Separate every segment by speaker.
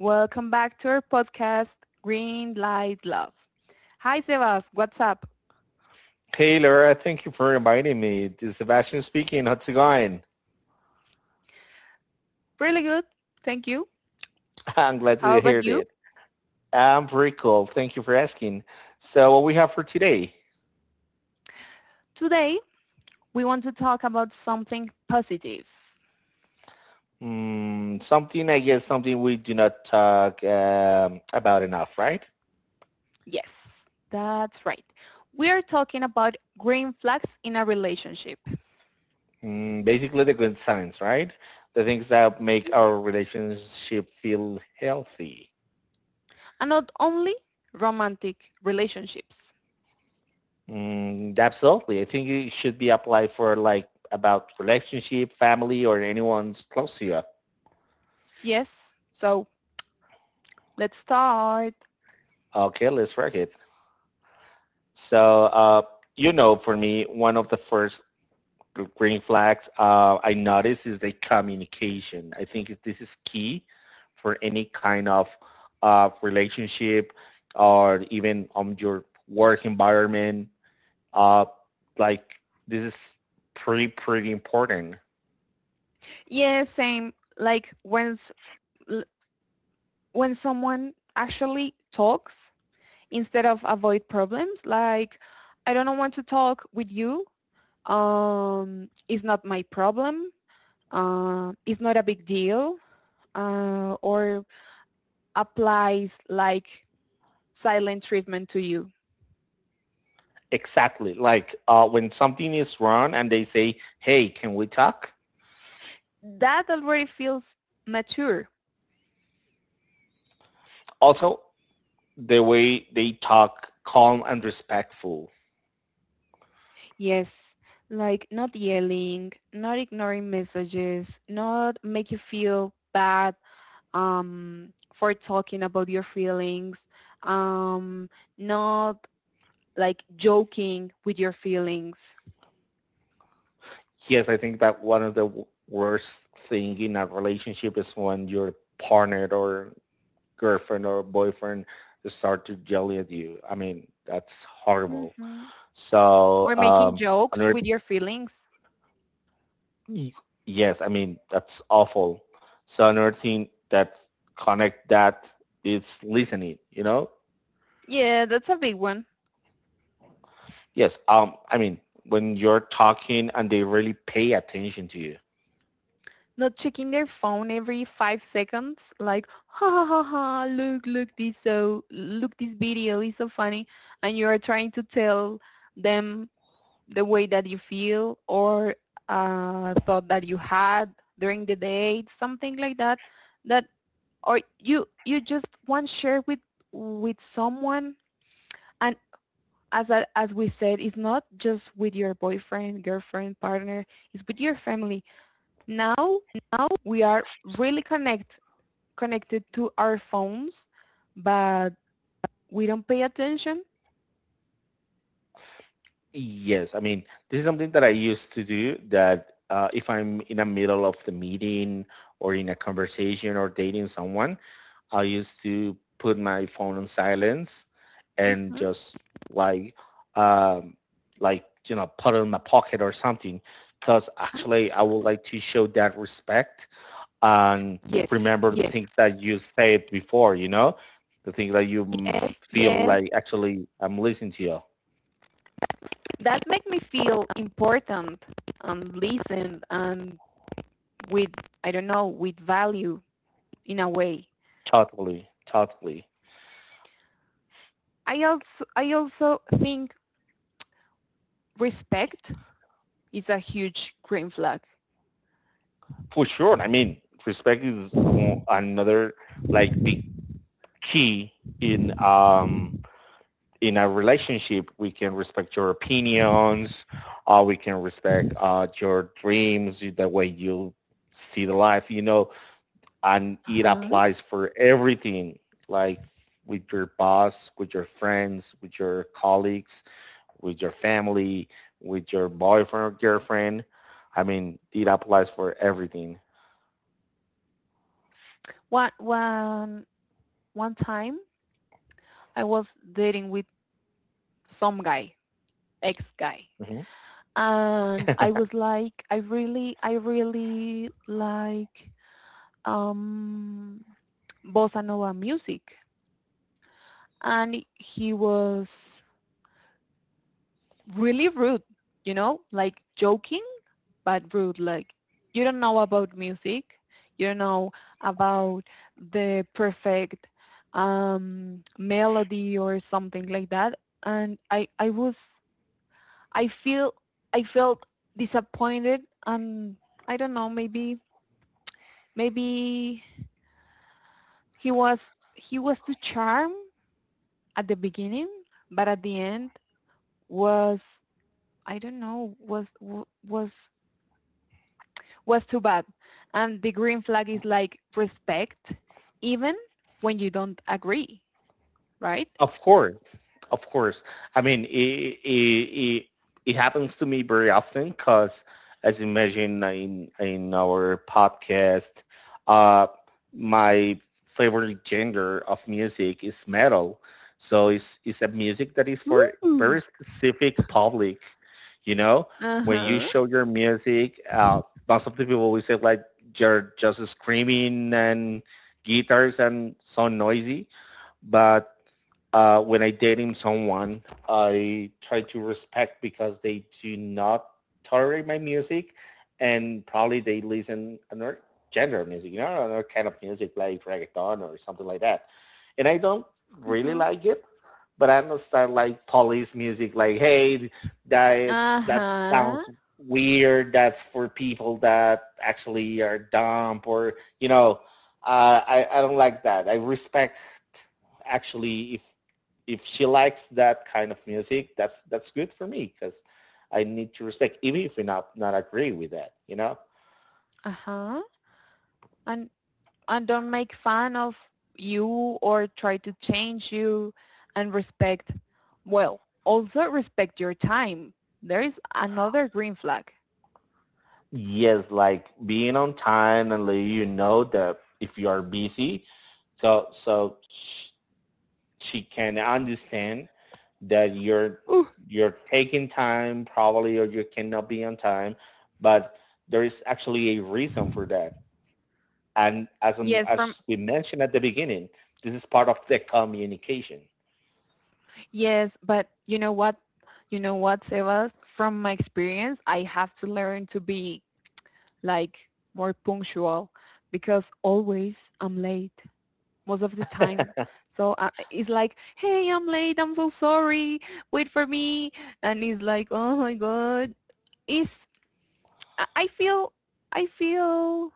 Speaker 1: Welcome back to our podcast, Green Light Love. Hi Sebas, what's up?
Speaker 2: Hey Laura, thank you for reminding me. This is Sebastian speaking. How's it going?
Speaker 1: Really good. Thank you.
Speaker 2: I'm glad
Speaker 1: How
Speaker 2: to hear
Speaker 1: about you?
Speaker 2: that. I'm pretty cool. Thank you for asking. So what we have for today?
Speaker 1: Today, we want to talk about something positive.
Speaker 2: Something, I guess, something we do not talk about enough, right?
Speaker 1: Yes, that's right. We are talking about green flags in a relationship,
Speaker 2: Mm, basically the good signs, right? The things that make our relationship feel healthy.
Speaker 1: and not only romantic relationships.
Speaker 2: Mm, absolutely. I think it should be applied for like about relationship, family, or anyone's close to you.
Speaker 1: Yes, so let's start.
Speaker 2: Okay, let's work it. So, you know, for me, one of the first green flags I notice is the communication. I think this is key for any kind of relationship or even on your work environment. Uh, like this is pretty important.
Speaker 1: Yes, yeah, same. Like when someone actually talks instead of avoid problems like I don't want to talk with you, it's not my problem, it's not a big deal, or applies like silent treatment to you.
Speaker 2: Exactly. Like when something is wrong and they say, hey, can we talk?
Speaker 1: That already feels mature.
Speaker 2: Also, the way they talk calm and respectful.
Speaker 1: Yes, like not yelling, not ignoring messages, not make you feel bad for talking about your feelings, um, not like joking with your feelings,
Speaker 2: Yes, I think that one of the worst thing in a relationship is when your partner or girlfriend or boyfriend start to yell at you. I mean, that's horrible.
Speaker 1: hmm
Speaker 2: So
Speaker 1: or making
Speaker 2: um,
Speaker 1: jokes
Speaker 2: another,
Speaker 1: with your feelings.
Speaker 2: y- yes, I mean that's awful. So another thing that connect that is listening. You know,
Speaker 1: Yeah, that's a big one.
Speaker 2: yes. I mean when you're talking and they really pay attention to you.
Speaker 1: Not checking their phone every 5 seconds, like ha ha ha ha, look this, so look this video is so funny, and you are trying to tell them the way that you feel or thought that you had during the day, something like that. That, or you just want to share with someone. And as we said, it's not just with your boyfriend, girlfriend, partner, it's with your family. Now now we are really connected to our phones, but we don't pay attention.
Speaker 2: Yes, I mean, this is something that I used to do that if I'm in the middle of the meeting or in a conversation or dating someone, I used to put my phone on silence and
Speaker 1: Mhm.
Speaker 2: just like, um, you know, put it in my pocket or something. Because actually I would like to show that respect and
Speaker 1: Yes,
Speaker 2: remember the
Speaker 1: yes.
Speaker 2: things that you said before, you know, the things that you
Speaker 1: Yes,
Speaker 2: feel
Speaker 1: yes,
Speaker 2: like actually I'm listening to you.
Speaker 1: that make me feel important and listened and with, I don't know, with value, in a way.
Speaker 2: Totally, totally.
Speaker 1: I also think respect is a huge green flag.
Speaker 2: For sure. I mean, respect is another like the key in um in a relationship. We can respect your opinions. We can respect your dreams, the way you see the life, you know, and it
Speaker 1: Uh-huh.
Speaker 2: applies for everything, like with your boss, with your friends, with your colleagues, with your family, with your boyfriend or girlfriend. I mean, it applies for everything.
Speaker 1: One one one time I was dating with some guy, ex guy,
Speaker 2: Mhm.
Speaker 1: and I was like, I really like um bossa nova music, and he was really rude, like joking, but rude. Like you don't know about music, you don't know about the perfect melody or something like that. And I feel, I felt disappointed. And I don't know, maybe he was, he was too charm at the beginning, but at the end was, I don't know, was was too bad. And the green flag is like respect, even when you don't agree, right?
Speaker 2: Of course, of course. I mean, it happens to me very often because, as you imagine in our podcast, uh, my favorite genre of music is metal. So it's a music that is for very
Speaker 1: Ooh.
Speaker 2: specific public. You know, when you
Speaker 1: Uh-huh.
Speaker 2: show your music, most of the people will say like you're just screaming and guitars and so noisy, but when I dating someone, I try to respect because they do not tolerate my music, and probably they listen another genre music, you know, another kind of music like reggaeton or something like that. And I don't really
Speaker 1: Mm-hmm.
Speaker 2: like it, but I don't start like police music, like hey, that
Speaker 1: Uh-huh.
Speaker 2: sounds weird. That's for people that actually are dumb or you know, I don't like that. I respect actually if she likes that kind of music, that's good for me because I need to respect, even if we not not agree with that, you know.
Speaker 1: Uh-huh. And and don't make fun of you or try to change you, and respect, well, also respect your time. There is another green flag.
Speaker 2: Yes, like being on time and let you know that if you are busy, so she can understand that
Speaker 1: Ooh.
Speaker 2: you're taking time probably or you cannot be on time, but there is actually a reason for that. And
Speaker 1: Yes, from
Speaker 2: as we mentioned at the beginning, this is part of the communication.
Speaker 1: yes, but you know what? You know what, Sebas? From my experience, I have to learn to be like more punctual, because always I'm late most of the time. So it's like, hey, I'm late. I'm so sorry. Wait for me. And it's like, oh my God. It's, I I feel, I feel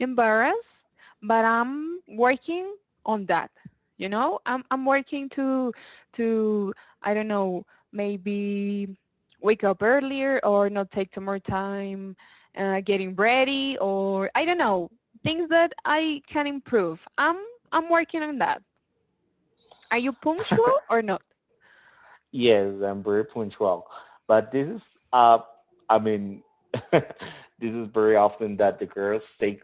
Speaker 1: embarrassed, but I'm working on that. I'm working to, I don't know, maybe wake up earlier or not take too more time getting ready, or I don't know, things that I can improve. I'm working on that. Are you punctual or not?
Speaker 2: Yes, I'm very punctual. But this is, uh, I mean, this is very often that the girls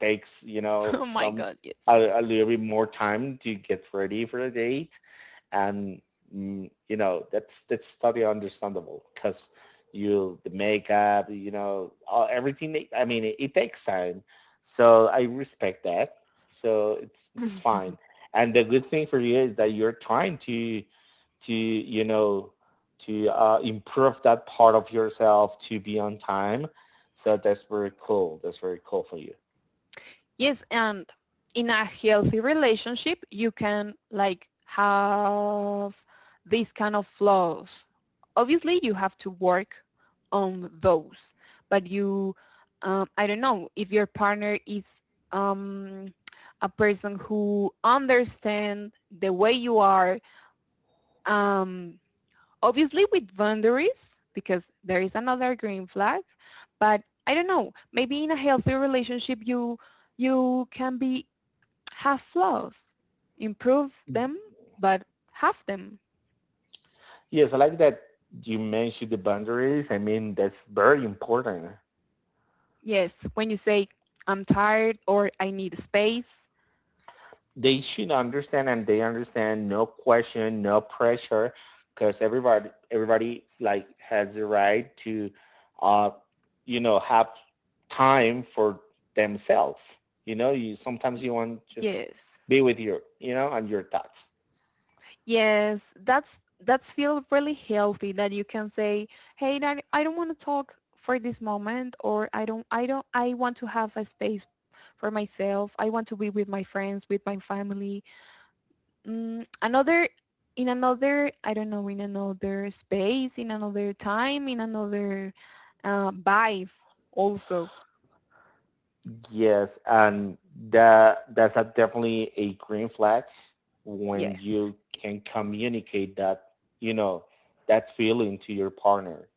Speaker 2: takes, you know,
Speaker 1: Oh my
Speaker 2: some
Speaker 1: God, yes.
Speaker 2: a little bit more time to get ready for the date and you know that's totally understandable because you the makeup, you know, all, everything. I mean, it takes time, so I respect that. So it's fine. And the good thing for you is that you're trying to you know to improve that part of yourself to be on time. So that's very cool. That's very cool for you.
Speaker 1: Yes, and in a healthy relationship, you can like have these kind of flaws. Obviously, you have to work on those, but I don't know, if your partner is um, a person who understands the way you are, um, obviously with boundaries, because there is another green flag, but I don't know, maybe in a healthy relationship, you can be, have flaws. Improve them, but have them.
Speaker 2: Yes, I like that you mentioned the boundaries. I mean, that's very important.
Speaker 1: Yes, when you say, I'm tired or I need space.
Speaker 2: They should understand and they understand, no question, no pressure, because everybody like has the right to uh you know have time for themselves. You know, you sometimes you want just
Speaker 1: Yes.
Speaker 2: be with your, you know, and your thoughts.
Speaker 1: Yes, that's feel really healthy that you can say, hey, I don't want to talk for this moment, or I don't I don't I want to have a space for myself. I want to be with my friends, with my family. Mm, another in another, I don't know, in another space, in another time, in another vibe also.
Speaker 2: Yes, and that's a definitely a green flag when
Speaker 1: Yes,
Speaker 2: you can communicate that, you know, that feeling to your partner.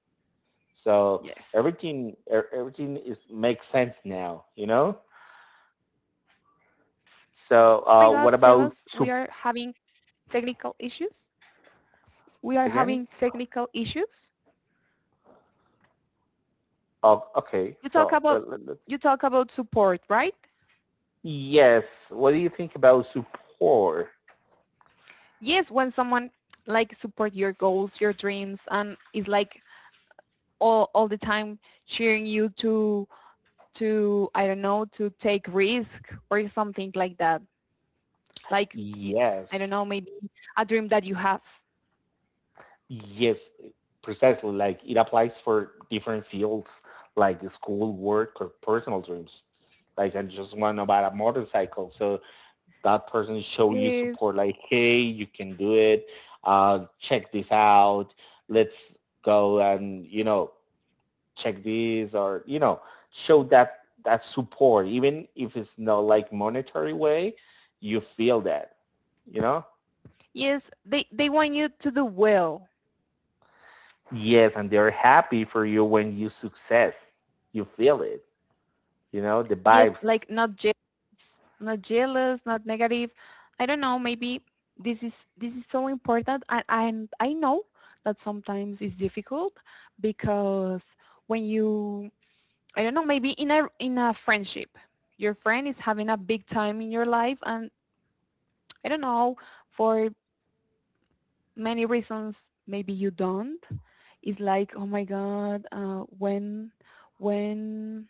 Speaker 2: So
Speaker 1: yes.
Speaker 2: everything is makes sense now, you know.
Speaker 1: Oh my God, Sebas,
Speaker 2: So
Speaker 1: we
Speaker 2: what
Speaker 1: are
Speaker 2: about
Speaker 1: having
Speaker 2: soup
Speaker 1: technical issues we are having
Speaker 2: again?
Speaker 1: technical issues
Speaker 2: Oh, okay.
Speaker 1: you talk
Speaker 2: So
Speaker 1: about
Speaker 2: let, let's.
Speaker 1: you talk about support, right?
Speaker 2: Yes. What do you think about support?
Speaker 1: Yes, when someone like support your goals, your dreams, and is like all the time cheering you to, I don't know, to take risk or something like that. Like, I
Speaker 2: Yes.
Speaker 1: don't know, maybe a dream that you have.
Speaker 2: Yes. Precisely. Like it applies for different fields, like school, work, or personal dreams. Like I just want to buy a motorcycle, so that person show you
Speaker 1: Yes.
Speaker 2: support like hey you can do it, check this out, let's go, and you know, check this or you know, show that support even if it's not like monetary way, you feel that, you know.
Speaker 1: Yes, they want you to do well.
Speaker 2: Yes, and they're happy for you when you success. You feel it, you know, the
Speaker 1: Yes,
Speaker 2: vibes.
Speaker 1: like not jealous, not jealous, not negative. I don't know, maybe this is so important, and I know that sometimes it's difficult because when you, I don't know, maybe in a friendship, your friend is having a big time in your life and I don't know, for many reasons maybe you don't. It's like, oh my God, when,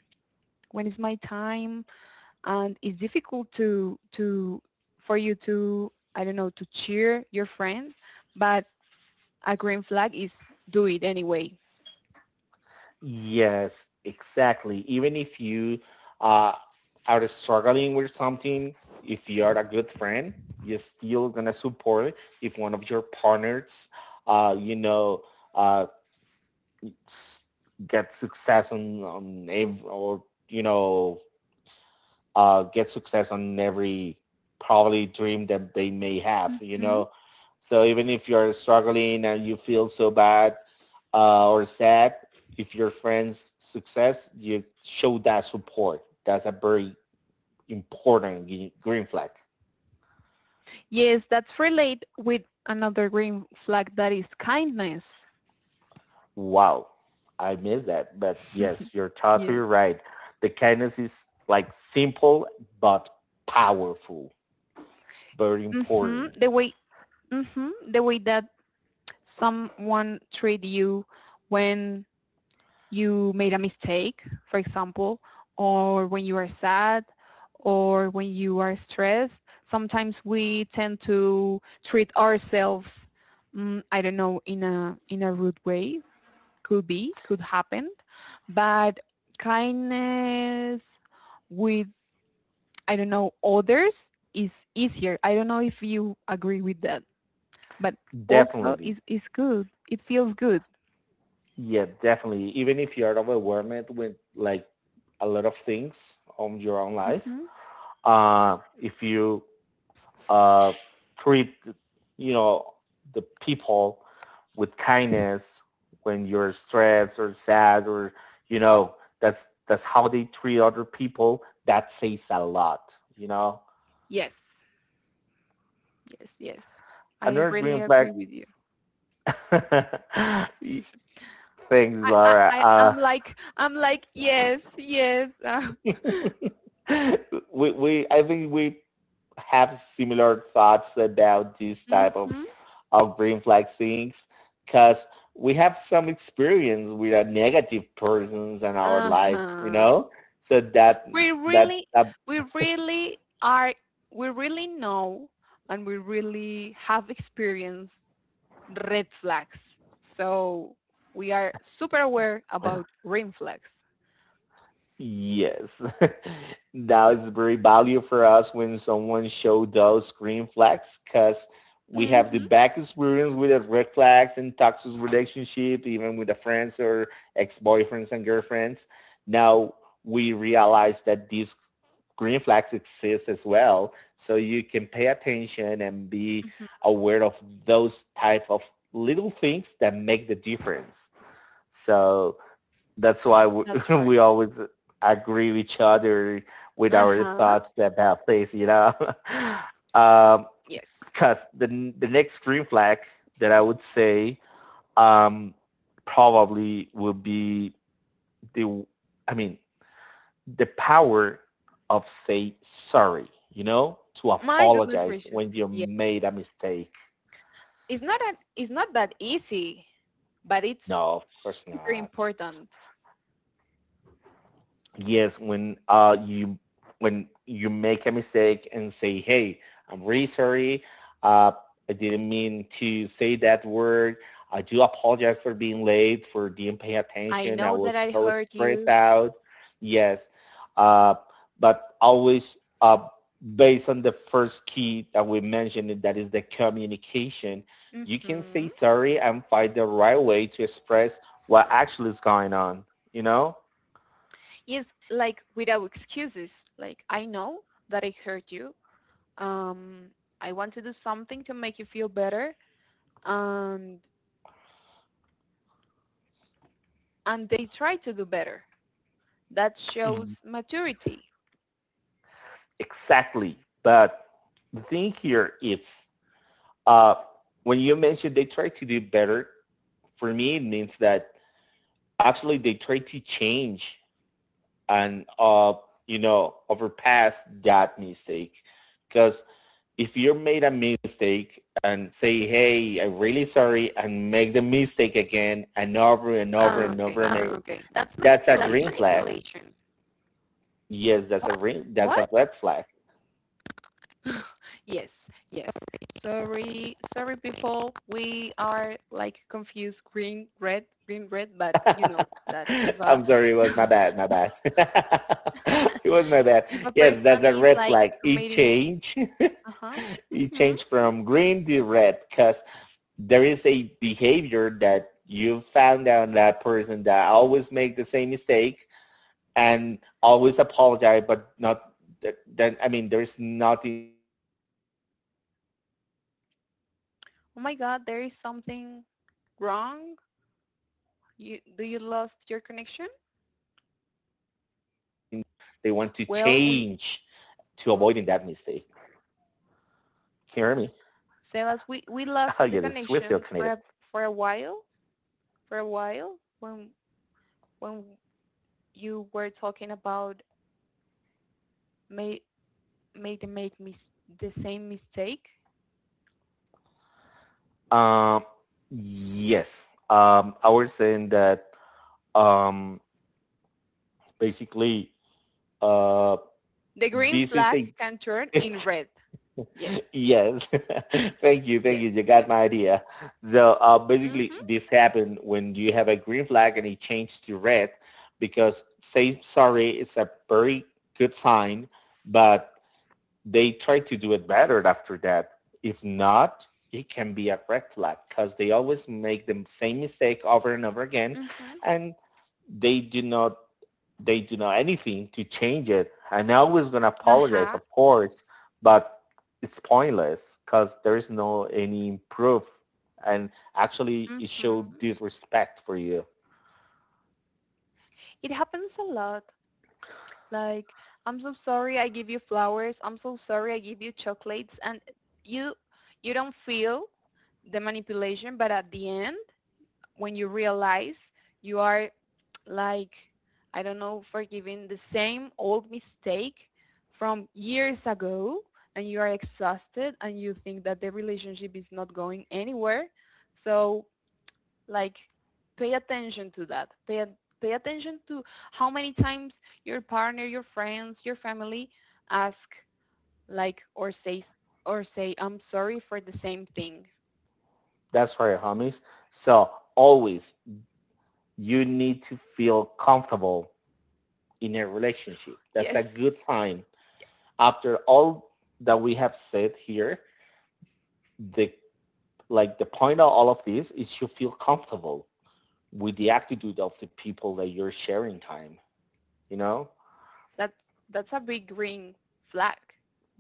Speaker 1: when is my time? And it's difficult for you to, I don't know, to cheer your friend, but a green flag is do it anyway.
Speaker 2: Yes, exactly. Even if you uh, are struggling with something, if you are a good friend, you're still gonna support if one of your partners, uh, you know, uh, s- get success on, get success on every probably dream that they may have, you
Speaker 1: Mm-hmm.
Speaker 2: know. So even if you're struggling and you feel so bad, or sad, if your friend's success, you show that support. That's a very important green flag.
Speaker 1: Yes, that's related with another green flag, that is kindness.
Speaker 2: Wow, I missed that. But yes, you're totally
Speaker 1: Yes.
Speaker 2: right. The kindness is like simple but powerful. It's very
Speaker 1: Mm-hmm.
Speaker 2: important.
Speaker 1: The way Mm-hmm. The way that someone treat you when you made a mistake, for example, or when you are sad or when you are stressed. Sometimes we tend to treat ourselves, I don't know, in a rude way. Could be, could happen, but kindness with, I don't know, others is easier. I don't know if you agree with that, but also
Speaker 2: Definitely.
Speaker 1: is good. It feels good.
Speaker 2: Yeah, definitely. Even if you're overwhelmed with like a lot of things on your own life,
Speaker 1: Hmm.
Speaker 2: if you uh, treat, you know, the people with kindness when you're stressed or sad or you know, that's how they treat other people, that says a lot, you know.
Speaker 1: Yes. Yes, yes. I
Speaker 2: Another
Speaker 1: really
Speaker 2: green flag.
Speaker 1: agree with you.
Speaker 2: Thanks
Speaker 1: I, I,
Speaker 2: Laura.
Speaker 1: I I'm like, I'm like, yes, yes.
Speaker 2: We I think we have similar thoughts about this type
Speaker 1: Mm-hmm.
Speaker 2: of green flag things because we have some experience with a negative persons in our lives, you
Speaker 1: Uh-huh.
Speaker 2: know. So
Speaker 1: We really,
Speaker 2: that.
Speaker 1: we really are, we really know, and we really have experienced red flags. So we are super aware about green flags.
Speaker 2: Yes. Now it's very valuable for us when someone show those green flags because we have the
Speaker 1: Mm-hmm.
Speaker 2: back experience with the red flags and toxic relationship, even with the friends or ex-boyfriends and girlfriends. Now we realize that these green flags exist as well. So you can pay attention and be
Speaker 1: Mm-hmm.
Speaker 2: aware of those type of little things that make the difference. So that's why we,
Speaker 1: That's right.
Speaker 2: we always agree with each other with our
Speaker 1: Uh-huh.
Speaker 2: thoughts about things, you know. um,
Speaker 1: Yes.
Speaker 2: Because the next green flag that I would say um, probably would be the, I mean, the power of say sorry, you know, to
Speaker 1: My goodness
Speaker 2: apologize
Speaker 1: gracious.
Speaker 2: when you made a mistake.
Speaker 1: It's not that easy, but it's
Speaker 2: No, of course
Speaker 1: super
Speaker 2: not.
Speaker 1: important.
Speaker 2: Yes, when you when you make a mistake and say, "Hey, I'm really sorry. Uh, I didn't mean to say that word. I do apologize for being late, for didn't pay
Speaker 1: I
Speaker 2: attention. I
Speaker 1: know that
Speaker 2: was
Speaker 1: I
Speaker 2: so
Speaker 1: hurt
Speaker 2: stressed
Speaker 1: you.
Speaker 2: out." Yes, uh, but always based on the first key that we mentioned, that is the communication. You can say
Speaker 1: Hmm.
Speaker 2: sorry and find the right way to express what actually is going on. You know.
Speaker 1: Yes, like without excuses. Like I know that I hurt you. Um, I want to do something to make you feel better, and and they try to do better. That shows maturity.
Speaker 2: Exactly. But the thing here is uh, when you mentioned they try to do better, for me it means that actually they try to change and you know overpass that mistake. Because if you made a mistake and say, hey, I'm really sorry and make the mistake again and over and over
Speaker 1: Ah,
Speaker 2: and
Speaker 1: okay.
Speaker 2: over again,
Speaker 1: Ah, okay. That's
Speaker 2: that's a
Speaker 1: manipulation. That's
Speaker 2: green flag.
Speaker 1: manipulation.
Speaker 2: Yes, that's a green, that's a
Speaker 1: What?
Speaker 2: red flag.
Speaker 1: Yes, yes. Sorry, sorry, before we are like confused green, red, but you know that if a
Speaker 2: I'm sorry, it was my bad, my bad. It was my bad.
Speaker 1: if a
Speaker 2: Yes, that's
Speaker 1: person
Speaker 2: a
Speaker 1: is
Speaker 2: red
Speaker 1: like
Speaker 2: flag. It
Speaker 1: committing
Speaker 2: changed.
Speaker 1: uh-huh,
Speaker 2: It
Speaker 1: mm-hmm,
Speaker 2: changed from
Speaker 1: mm-hmm,
Speaker 2: green to red because there is a behavior that you found out that person that always make the same mistake and always apologize, but not then. I mean, there's nothing
Speaker 1: oh my God, there is something wrong.
Speaker 2: to improve that part,
Speaker 1: You
Speaker 2: you
Speaker 1: do
Speaker 2: know,
Speaker 1: you lost your connection?
Speaker 2: change to avoiding that mistake.
Speaker 1: Well, we okay.
Speaker 2: Can you hear me? Oh, yeah, the
Speaker 1: Sebas,
Speaker 2: Swiss
Speaker 1: we
Speaker 2: connected.
Speaker 1: lost the connection for for a while, a while when you were talking about ma made made mis- the same mistake,
Speaker 2: Um, yes. I was saying that um, basically uh,
Speaker 1: the green
Speaker 2: this is
Speaker 1: flag
Speaker 2: a
Speaker 1: can turn in
Speaker 2: it's,
Speaker 1: red. Yes,
Speaker 2: yes. Thank you, thank
Speaker 1: yes,
Speaker 2: you. You got
Speaker 1: yes.
Speaker 2: my idea. So
Speaker 1: Mm-hmm,
Speaker 2: basically, this happened when you have a green flag and it changed to red because say sorry is a very good sign, but they try to do it better after that. If not, it can be a red flag because they always make the same mistake over and over again,
Speaker 1: mm-hmm.
Speaker 2: and they do not they do not anything to change it. I'm always gonna apologize,
Speaker 1: Uh-huh,
Speaker 2: of course, but it's pointless because there is no any proof, and actually it
Speaker 1: mm-hmm.
Speaker 2: showed disrespect for you.
Speaker 1: It happens a lot. Like, I'm so sorry I give you flowers. I'm so sorry I give you chocolates. And you you don't feel the manipulation, but at the end, when you realize you are like, I don't know, forgiving the same old mistake from years ago, and you are exhausted and you think that the relationship is not going anywhere. So like pay attention to that. Pay attention to how many times your partner, your friends, your family ask like or say I'm sorry for the same thing.
Speaker 2: That's for your homies. So always you need to feel comfortable in a relationship. That's
Speaker 1: Yes,
Speaker 2: a good sign. After all that we have said here, the like the point of all of this is you feel comfortable with the attitude of the people that you're sharing time, you know,
Speaker 1: That that's a big green flag,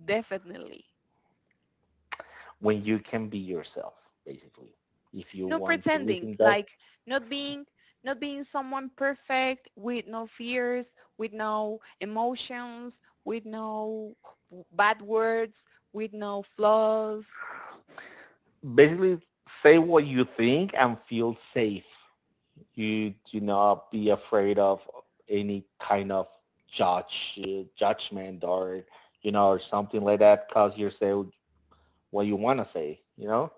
Speaker 1: definitely.
Speaker 2: when you can be yourself, basically. If you
Speaker 1: No
Speaker 2: want to
Speaker 1: pretending,
Speaker 2: listen, that's
Speaker 1: like not being not being someone perfect with no fears, with no emotions, with no bad words, with no flaws.
Speaker 2: basically say what you think and feel safe. You do not be afraid of any kind of judgment or or something like that because you're saying what you want to say.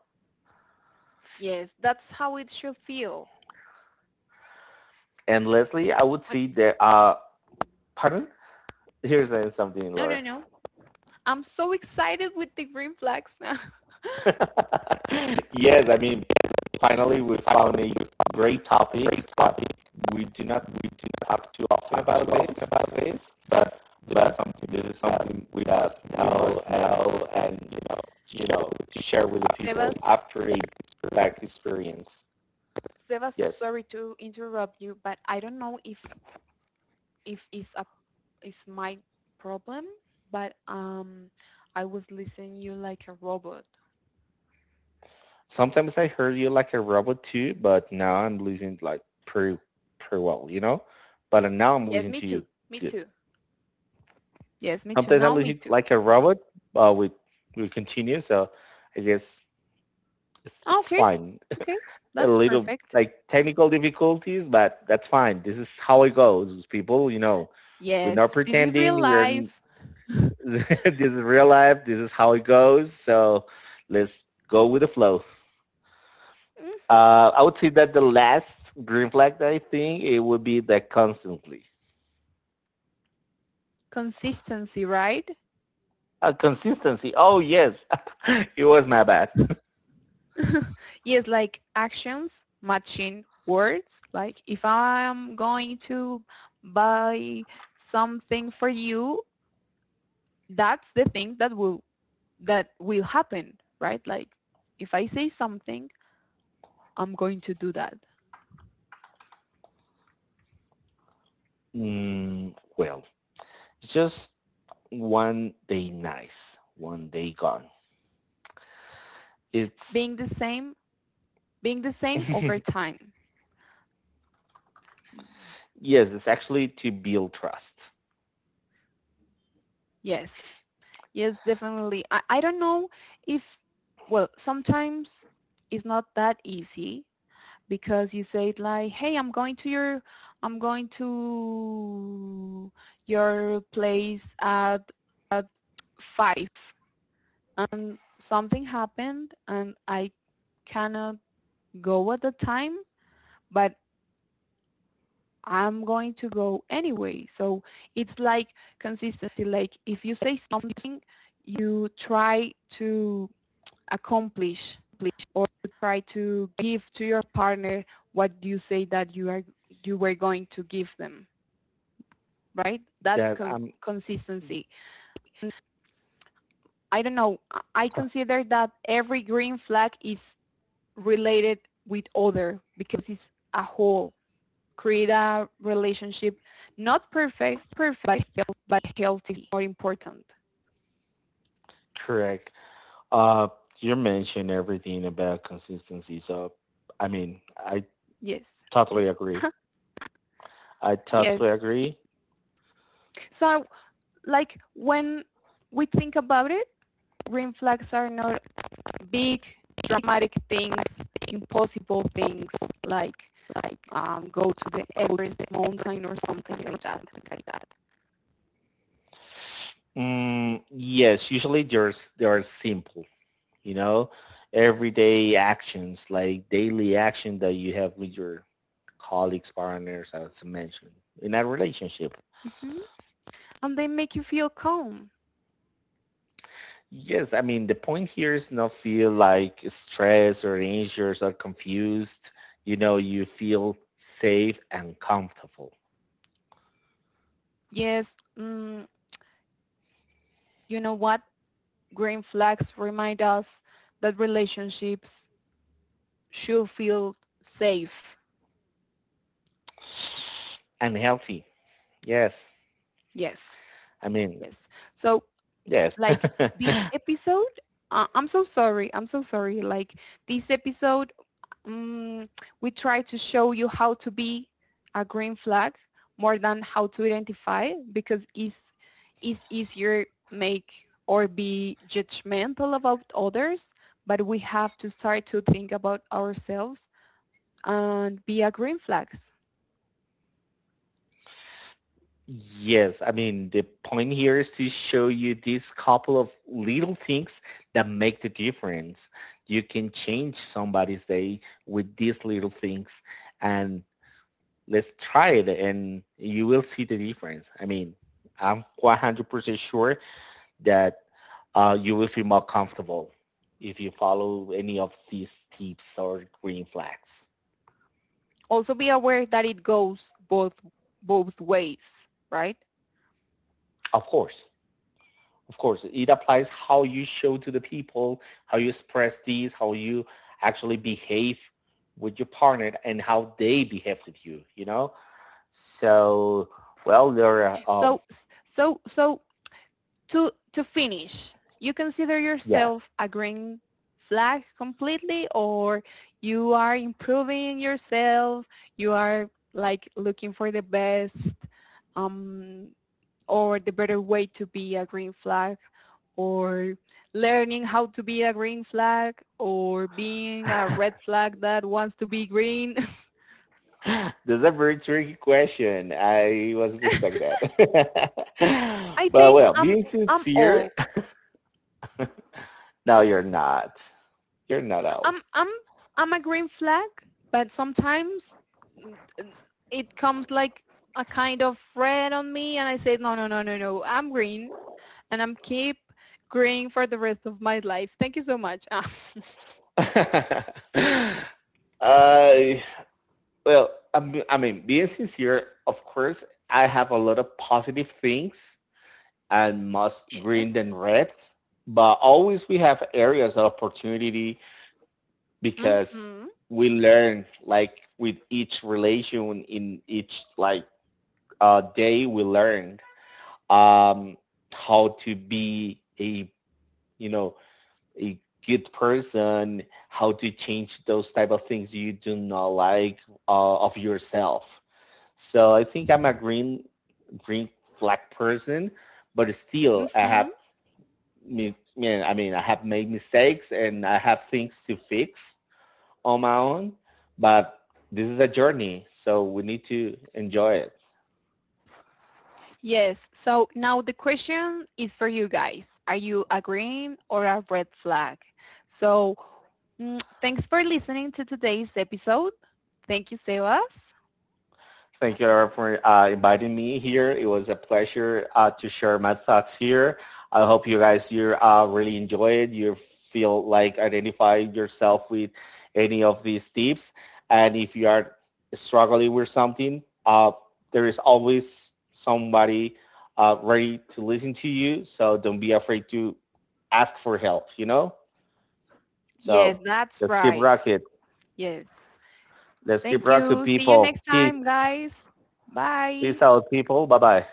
Speaker 1: Yes, that's how it should feel.
Speaker 2: And Leslie, I would
Speaker 1: But
Speaker 2: see that, pardon? Here's something,
Speaker 1: no, no,
Speaker 2: Laura.
Speaker 1: no. I'm so excited with the green flags now.
Speaker 2: yes, I mean, finally we found a great topic. Great topic. We do not talk too often about this, but but something this is something we must know and you know to share with the people
Speaker 1: Sebas,
Speaker 2: after a back experience.
Speaker 1: Sebas,
Speaker 2: Yes.
Speaker 1: sorry to interrupt you, but I don't know if if it's a it's my problem, but I was listening you like a robot.
Speaker 2: Sometimes I heard you like a robot too, but now I'm listening like pretty well, you know. But now I'm
Speaker 1: Yes,
Speaker 2: listening
Speaker 1: me
Speaker 2: to you
Speaker 1: too. Me
Speaker 2: good.
Speaker 1: too. Yes, me too.
Speaker 2: Sometimes I
Speaker 1: Now me
Speaker 2: listen
Speaker 1: too.
Speaker 2: like a robot, but we continue. So I guess it's,
Speaker 1: Ah,
Speaker 2: it's
Speaker 1: okay,
Speaker 2: fine.
Speaker 1: okay,
Speaker 2: A
Speaker 1: that's
Speaker 2: little
Speaker 1: perfect.
Speaker 2: like technical difficulties, but that's fine. This is how it goes, people. You know, we're
Speaker 1: Yes,
Speaker 2: not
Speaker 1: this is real
Speaker 2: pretending.
Speaker 1: life.
Speaker 2: This is real life. This is how it goes. So let's go with the flow.
Speaker 1: Mhm.
Speaker 2: I would say that the last green flag that I think it would be that constantly.
Speaker 1: Consistency, right?
Speaker 2: Consistency. Oh, yes. it was my bad.
Speaker 1: Yes, like actions matching words. Like if I'm going to buy something for you, that's the thing that will happen, right? Like if I say something, I'm going to do that.
Speaker 2: Well, just one day nice, one day gone. It's,
Speaker 1: Being the same, being the same
Speaker 2: yes,
Speaker 1: over time.
Speaker 2: it's actually to build trust.
Speaker 1: Yes. Yes, definitely. I don't know if, well, sometimes it's not that easy because you say it like, hey, I'm going to your place at 5 and something happened and I cannot go at the time, but I'm going to go anyway. So it's like consistency. Like if you say something, you try to accomplish or try to give to your partner what you say that you were going to give them, right? That's
Speaker 2: That I'm
Speaker 1: consistency. I don't know. I consider that every green flag is related with other, because it's a whole. Create a relationship, not perfect, perfect, but healthy or important.
Speaker 2: correct. Uh, you mentioned everything about consistency. So, I mean, I
Speaker 1: Yes,
Speaker 2: totally agree. I
Speaker 1: yes.
Speaker 2: totally agree.
Speaker 1: So like when we think about it, green flags are not big, dramatic things, impossible things like go to the Everest mountain or something like that. Like that.
Speaker 2: Mm, yes, usually they are simple, you know, everyday actions like daily action that you have with your colleagues, partners, as I mentioned, in a relationship.
Speaker 1: hmm And they make you feel calm.
Speaker 2: Yes, I mean the point here is not feel like stressed or anxious or confused. You know, you feel safe and comfortable
Speaker 1: Yes, mm, you know what? Green flags remind us that relationships should feel safe.
Speaker 2: and healthy. Yes,
Speaker 1: Yes,
Speaker 2: I mean
Speaker 1: yes. So,
Speaker 2: yes.
Speaker 1: like this episode, I'm so sorry. I'm so sorry. Like this episode, mm, we try to show you how to be a green flag more than how to identify because it's easier make or be judgmental about others, but we have to start to think about ourselves and be a green flag.
Speaker 2: Yes, I mean, the point here is to show you these couple of little things that make the difference. You can change somebody's day with these little things and let's try it and you will see the difference. I mean, I'm 100% sure that you will feel more comfortable if you follow any of these tips or green flags.
Speaker 1: Also be aware that it goes both ways, right?
Speaker 2: Of course. Of course, it applies how you show to the people, how you express these, how you actually behave with your partner and how they behave with you, you know? So, well, there are, um,
Speaker 1: So so so to finish, you consider
Speaker 2: yeah,
Speaker 1: yourself a green flag completely, or you are improving yourself, you are like looking for the best, um, or the better way to be a green flag, or learning how to be a green flag, or being a red flag that wants to be green.
Speaker 2: this is a very tricky question. I wasn't expect that.
Speaker 1: I
Speaker 2: but
Speaker 1: think
Speaker 2: well, being
Speaker 1: I'm
Speaker 2: sincere,
Speaker 1: all
Speaker 2: no, you're not. You're not
Speaker 1: I'm I'm I'm a green flag, but sometimes mm, mm, it comes like a kind of red on me, and I say no, no, no, no, no. I'm green, and I'm keep green for the rest of my life. Thank you so much. Ah,
Speaker 2: out. uh, well, I mean, being sincere, of course, I have a lot of positive things and most
Speaker 1: yes.
Speaker 2: green than reds, but always we have areas of opportunity because
Speaker 1: Mhm.
Speaker 2: we learn like with each relation in each like day we learn um, how to be a you know a good person, how to change those type of things you do not like of yourself. So I think I'm a green flag person, but still I
Speaker 1: Mhm.
Speaker 2: have me. Yeah, I mean, I have made mistakes and I have things to fix on my own. But this is a journey, so we need to enjoy it.
Speaker 1: Yes. So now the question is for you guys: Are you a green or a red flag? So Thanks for listening to today's episode. Thank you, Sebas.
Speaker 2: Thank you for inviting me here. It was a pleasure to share my thoughts here. I hope you guys you really enjoy it. You feel like identify yourself with any of these tips. And if you are struggling with something, there is always somebody ready to listen to you. So don't be afraid to ask for help, you know? So
Speaker 1: Yes, that's
Speaker 2: let's keep
Speaker 1: right.
Speaker 2: rocking.
Speaker 1: Yes.
Speaker 2: Let's keep
Speaker 1: Thank
Speaker 2: rocking,
Speaker 1: you. See you
Speaker 2: people.
Speaker 1: next time,
Speaker 2: Peace.
Speaker 1: guys. Bye.
Speaker 2: Peace out, people. Bye-bye.